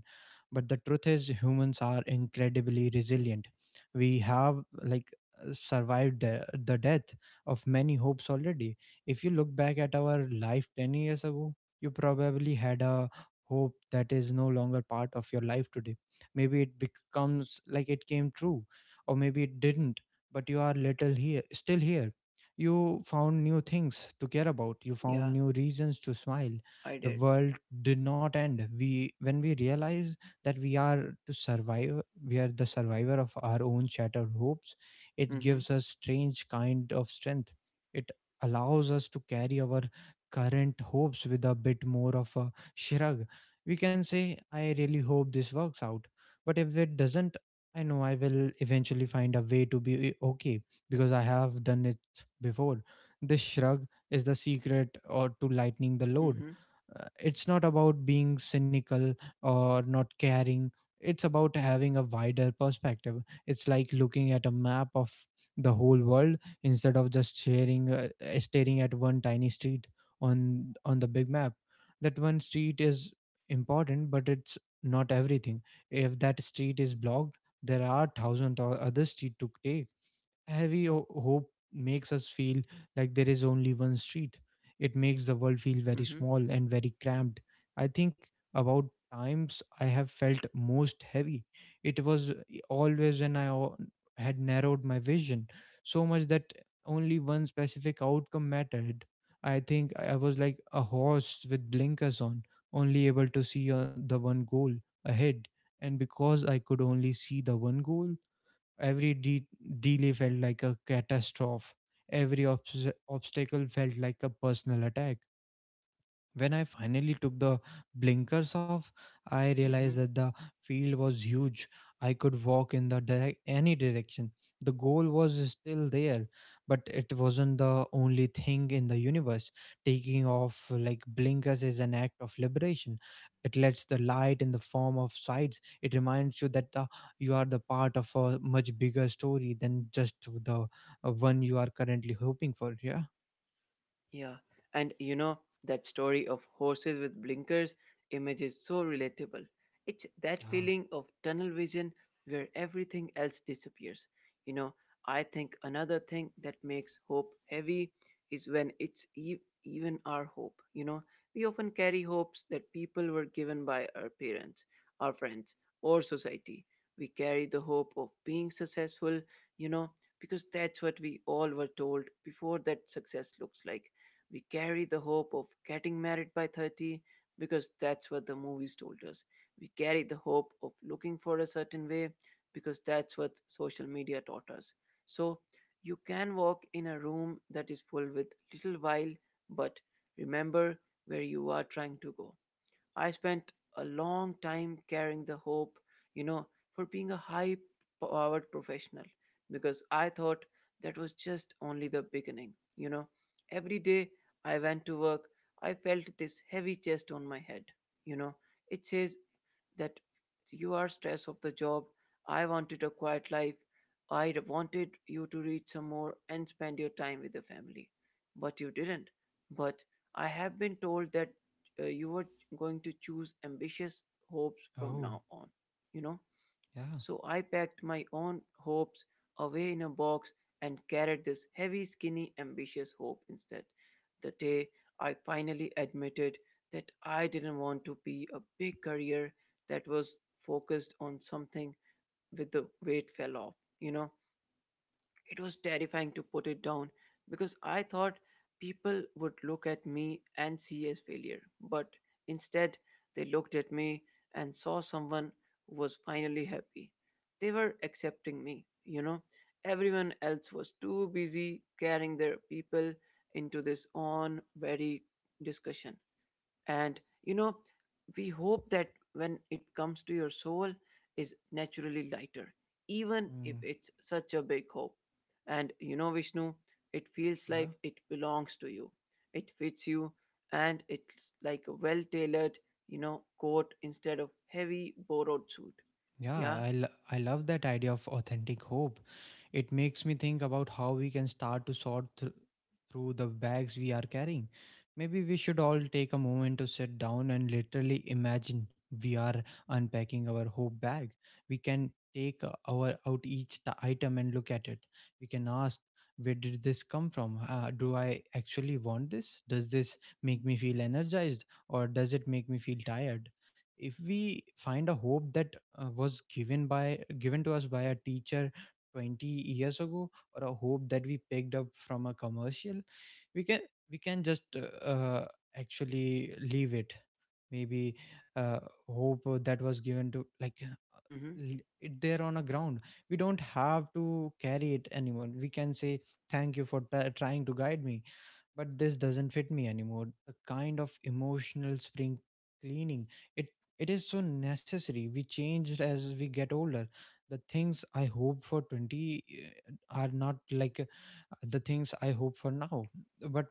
But the truth is, humans are incredibly resilient. We have like survived the death of many hopes already. If you look back at our life 10 years ago, you probably had a hope that is no longer part of your life today. Maybe it becomes like it came true, or maybe it didn't, but you are little here, still here. You found new things to care about, you found Yeah, new reasons to smile. I The did. world did not end. We, when we realize that we are to survive, we are the survivor of our own shattered hopes, it Mm-hmm. gives us strange kind of strength. It allows us to carry our current hopes with a bit more of a shrug. We can say, I really hope this works out. But if it doesn't, I know I will eventually find a way to be okay because I have done it before. This shrug is the secret or to lightening the load. Mm-hmm. It's not about being cynical or not caring. It's about having a wider perspective. It's like looking at a map of the whole world instead of just sharing, staring at one tiny street on the big map. That one street is important, but it's not everything. If that street is blocked, there are thousands of other street to take. Heavy hope makes us feel like there is only one street. It makes the world feel very Mm-hmm. small and very cramped. I think about times I have felt most heavy. It was always when had narrowed my vision so much that only one specific outcome mattered. I think I was like a horse with blinkers on, only able to see the one goal ahead. And because I could only see the one goal, every delay felt like a catastrophe. Every obstacle felt like a personal attack. When I finally took the blinkers off, I realized that the field was huge. I could walk in the any direction. The goal was still there, but it wasn't the only thing in the universe. Taking off like blinkers is an act of liberation. It lets the light in the form of sides. It reminds you that you are the part of a much bigger story than just the one you are currently hoping for. Yeah. Yeah, and that story of horses with blinkers image is so relatable. It's that Yeah. feeling of tunnel vision where everything else disappears. You know, I think another thing that makes hope heavy is when it's even our hope. We often carry hopes that people were given by our parents, our friends, or society. We carry the hope of being successful, you know, because that's what we all were told before that success looks like. We carry the hope of getting married by 30 because that's what the movies told us. We carry the hope of looking for a certain way because that's what social media taught us. So you can walk in a room that is full with little while, but remember where you are trying to go. I spent a long time carrying the hope, you know, for being a high powered professional because I thought that was just only the beginning. Every day I went to work, I felt this heavy chest on my head, you know. It says that you are stressed of the job. I wanted a quiet life. I wanted you to read some more and spend your time with the family. But you didn't. But I have been told that you were going to choose ambitious hopes from Oh, now on. You know? yeah. So I packed my own hopes away in a box and carried this heavy, skinny, ambitious hope instead. The day I finally admitted that I didn't want to be a big career that was focused on something with the weight fell off. It was terrifying to put it down because I thought people would look at me and see as failure. But instead, they looked at me and saw someone who was finally happy. They were accepting me. Everyone else was too busy carrying their people into this on very discussion. And we hope that when it comes to your soul is naturally lighter even if Mm, it's such a big hope. And Vishnu, it feels yeah. like it belongs to you. It fits you, and it's like a well tailored coat instead of heavy borrowed suit. Yeah. Yeah, I love that idea of authentic hope. It makes me think about how we can start to through the bags we are carrying. Maybe we should all take a moment to sit down and literally imagine we are unpacking our hope bag. We can take our out each item and look at it. We can ask, where did this come from? Do I actually want this? Does this make me feel energized or does it make me feel tired? If we find a hope that was given to us by a teacher 20 years ago, or a hope that we picked up from a commercial, we can we can just actually leave it. Maybe uh, hope that was given to Mm-hmm. It there on a ground. We don't have to carry it anymore. We can say, thank you for trying to guide me, but this doesn't fit me anymore. A kind of emotional spring cleaning. It it is so necessary. We change as we get older. The things I hope for 20 are not like the things I hope for now. But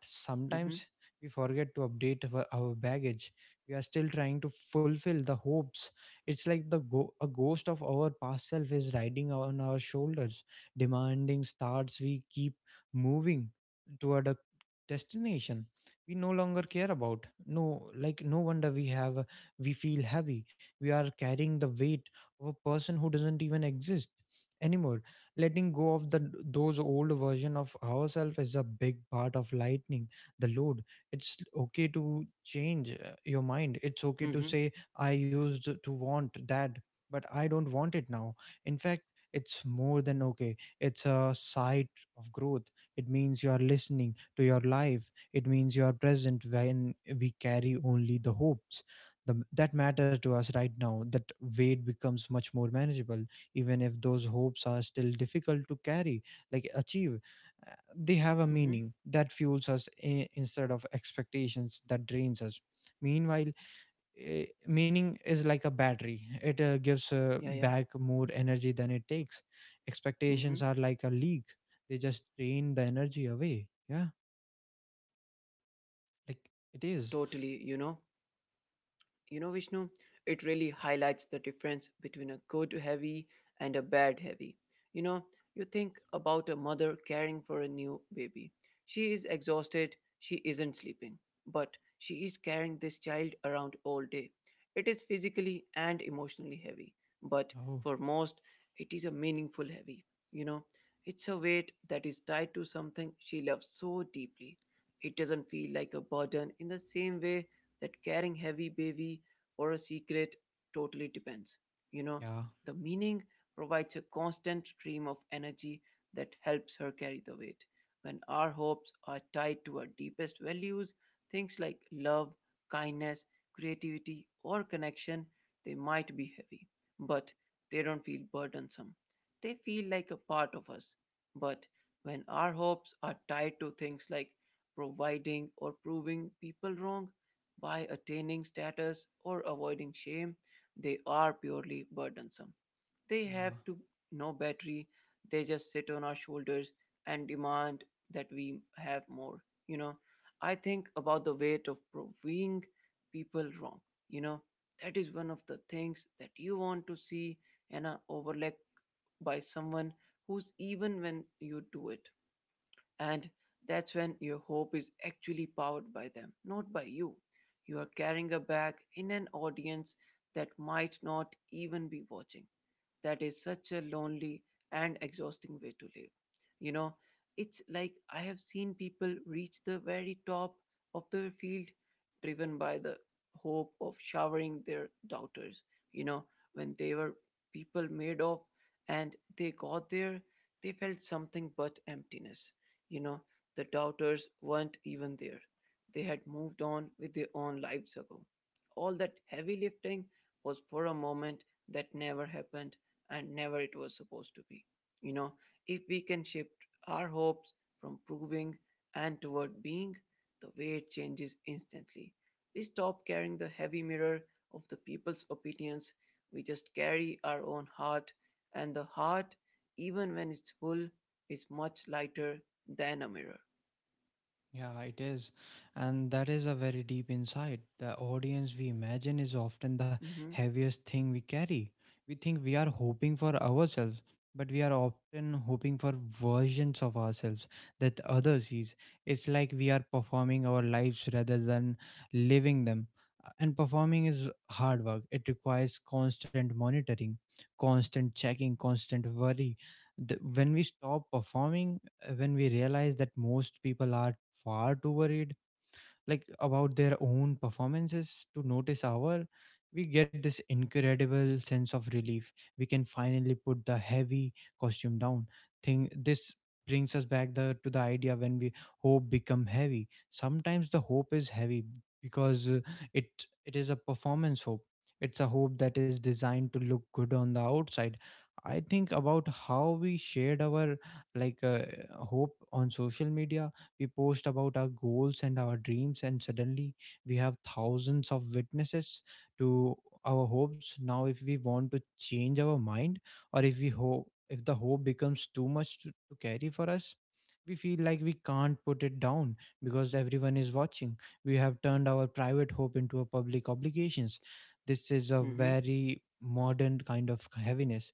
Mm-hmm. sometimes we forget to update our baggage. We are still trying to fulfill the hopes. It's like the a ghost of our past self is riding on our shoulders, demanding starts. We keep moving toward a destination we no longer care about. No wonder we have we feel heavy. We are carrying the weight of a person who doesn't even exist anymore. Letting go of the those old version of ourselves is a big part of lightening the load. It's okay to change your mind. It's okay to Mm-hmm. say, I used to want that, but I don't want it now. In fact, it's more than okay. It's a sight of growth. It means you are listening to your life. It means you are present. When we carry only the hopes that matters to us right now, that weight becomes much more manageable, even if those hopes are still difficult to carry, like achieve. They have a Mm-hmm. meaning that fuels us instead of expectations that drains us. Meanwhile, meaning is like a battery. It gives Yeah, yeah. back more energy than it takes. Expectations Mm-hmm. are like a leak. They just drain the energy away. Yeah. Like Yeah, it is. totally. Vishnu, it really highlights the difference between a good heavy and a bad heavy. You know, you think about a mother caring for a new baby. She is exhausted, she isn't sleeping, but she is carrying this child around all day. It is physically and emotionally heavy, but Oh, for most, it is a meaningful heavy. You know, it's a weight that is tied to something she loves so deeply. It doesn't feel like a burden in the same way that carrying heavy baby or a secret totally depends. You know, yeah. the meaning provides a constant stream of energy that helps her carry the weight. When our hopes are tied to our deepest values, things like love, kindness, creativity, or connection, they might be heavy, but they don't feel burdensome. They feel like a part of us. But when our hopes are tied to things like providing or proving people wrong, by attaining status or avoiding shame, they are purely burdensome. They have Yeah. to no battery, they just sit on our shoulders and demand that we have more. You know, I think about the weight of proving people wrong. You know, that is one of the things that you want to see and overlook by someone who's even when you do it. And that's when your hope is actually powered by them, not by you. You are carrying a bag in an audience that might not even be watching. That is such a lonely and exhausting way to live. You know, it's like I have seen people reach the very top of the field driven by the hope of showering their doubters. You know, when they were people made of and they got there, they felt something but emptiness. You know, the doubters weren't even there. They had moved on with their own lives ago. All that heavy lifting was for a moment that never happened and never it was supposed to be. You know, if we can shift our hopes from proving and toward being, the weight changes instantly. We stop carrying the heavy mirror of the people's opinions. We just carry our own heart, and the heart, even when it's full, is much lighter Dynamirror. Yeah, it is. And that is a very deep insight. The audience we imagine is often the Mhm. heaviest thing we carry. We think we are hoping for ourselves, but we are often hoping for versions of ourselves that others sees. It's like we are performing our lives rather than living them. And performing is hard work. It requires constant monitoring, constant checking, constant worry. When we stop performing, when we realize that most people are far too worried like about their own performances to notice our, we get this incredible sense of relief. We can finally put the heavy costume down. Thing this brings us back the to the idea. When we hope become heavy, sometimes the hope is heavy because it is a performance hope. It's a hope that is designed to look good on the outside. I think about how we shared our like uh, hope on social media. We post about our goals and our dreams, and suddenly we have thousands of witnesses to our hopes. Now, if we want to change our mind, or if we hope, if the hope becomes too much to carry for us, we feel like we can't put it down because everyone is watching. We have turned our private hope into a public obligations. This is a Mhm. very modern kind of heaviness.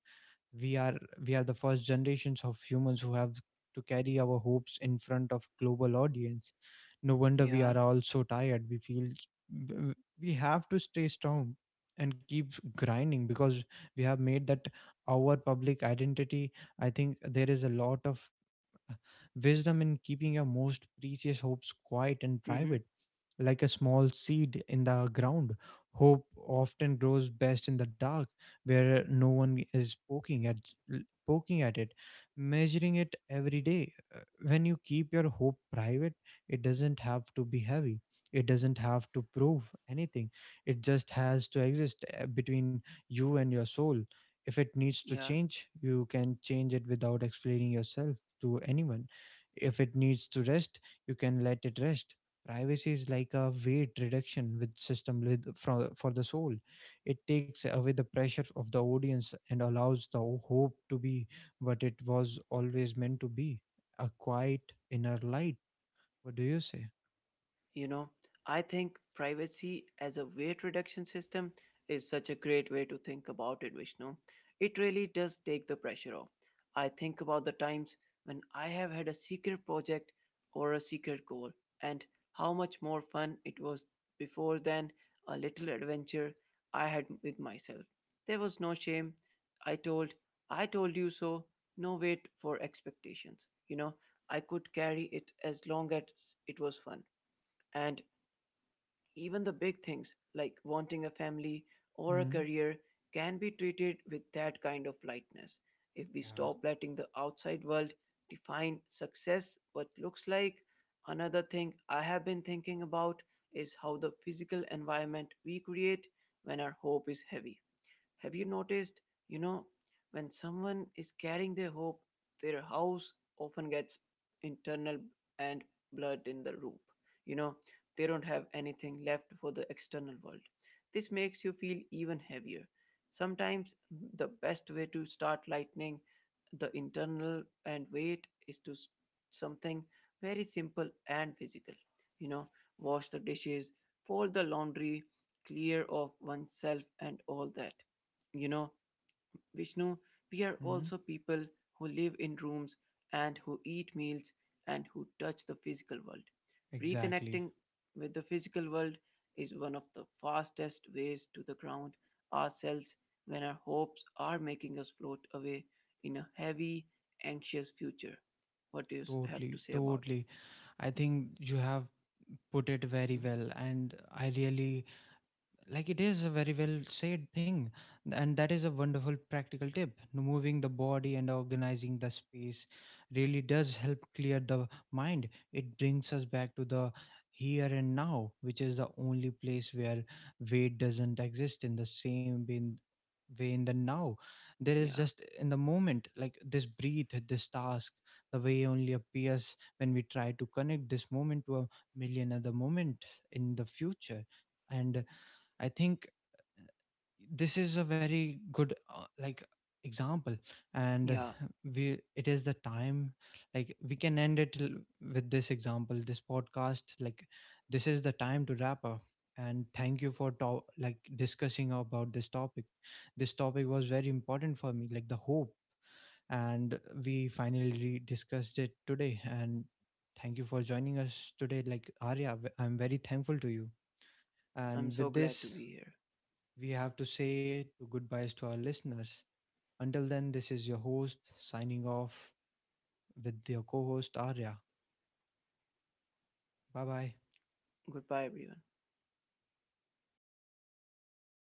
we are we are the first generations of humans who have to carry our hopes in front of global audience. No wonder we Ja. Mhm. are Yeah. all so tired. W- we have to stay strong and keep grinding because we have made that our public identity. I think there is a lot of uh, wisdom in keeping your most precious hopes quiet and Mm-hmm. private. Like a small seed in the ground, hope often grows best in the dark, where no one is poking at it, measuring it every day. When you keep your hope private, it doesn't have to be heavy. It doesn't have to prove anything. It just has to exist between you and your soul. If it needs to Yeah. change, you can change it without explaining yourself to anyone. If it needs to rest, you can let it rest. Privacy is like a weight reduction with system with for the soul. It takes away the pressure of the audience and allows the hope to be what it was always meant to be, a quiet inner light. What do you say? You know, I think privacy as a weight reduction system is such a great way to think about it, Vishnu. It really does take the pressure off. I think about the times when I have had a secret project or a secret goal and how much more fun it was before than a little adventure I had with myself. There was no shame. I told, I told you so, no wait for expectations. I could carry it as long as it was fun. And even the big things, like wanting a family or a Hmm. career, can be treated with that kind of lightness if we Yeah. stop letting the outside world define success what looks like. Another thing I have been thinking about is how the physical environment we create when our hope is heavy. Have you noticed, you know, when someone is carrying their hope, their house often gets internal and blood in the roof. You know, they don't have anything left for the external world. This makes you feel even heavier. Sometimes the best way to start lightening the internal and weight is to something very simple and physical. You know, wash the dishes, fold the laundry, clear of oneself and all that. You know, Vishnu, we are Hmm. also people who live in rooms and who eat meals and who touch the physical world. Exactly. Reconnecting with the physical world is one of the fastest ways to the ground ourselves when our hopes are making us float away in a heavy, anxious future. What do you have to Totally. say about it? Totally. I think you have put it very Mm. well, and I really like it is a very well said thing. And that is a wonderful practical tip. Moving the body and organizing the space really does help clear the mind. It brings us back to the here and now, which is the only place where weight doesn't exist in the same way in the now. There is Yeah, just in the moment, like this breathe, this task. The way only appears when we try to connect this moment to a million other moment in the future. And I think this is a very good example. And yeah, we it is the time, we can end it with this example, this podcast. Like, this is the time to wrap up, and thank you for discussing about this topic. This topic was very important for me, like the hope, and we finally discussed it today. And thank you for joining us today, like Arya. I'm very thankful to you. I'm And so with this, glad to be here. we have to say to goodbyes to our listeners. Until then, this is your host signing off with your co host Arya. Bye bye. Goodbye, everyone.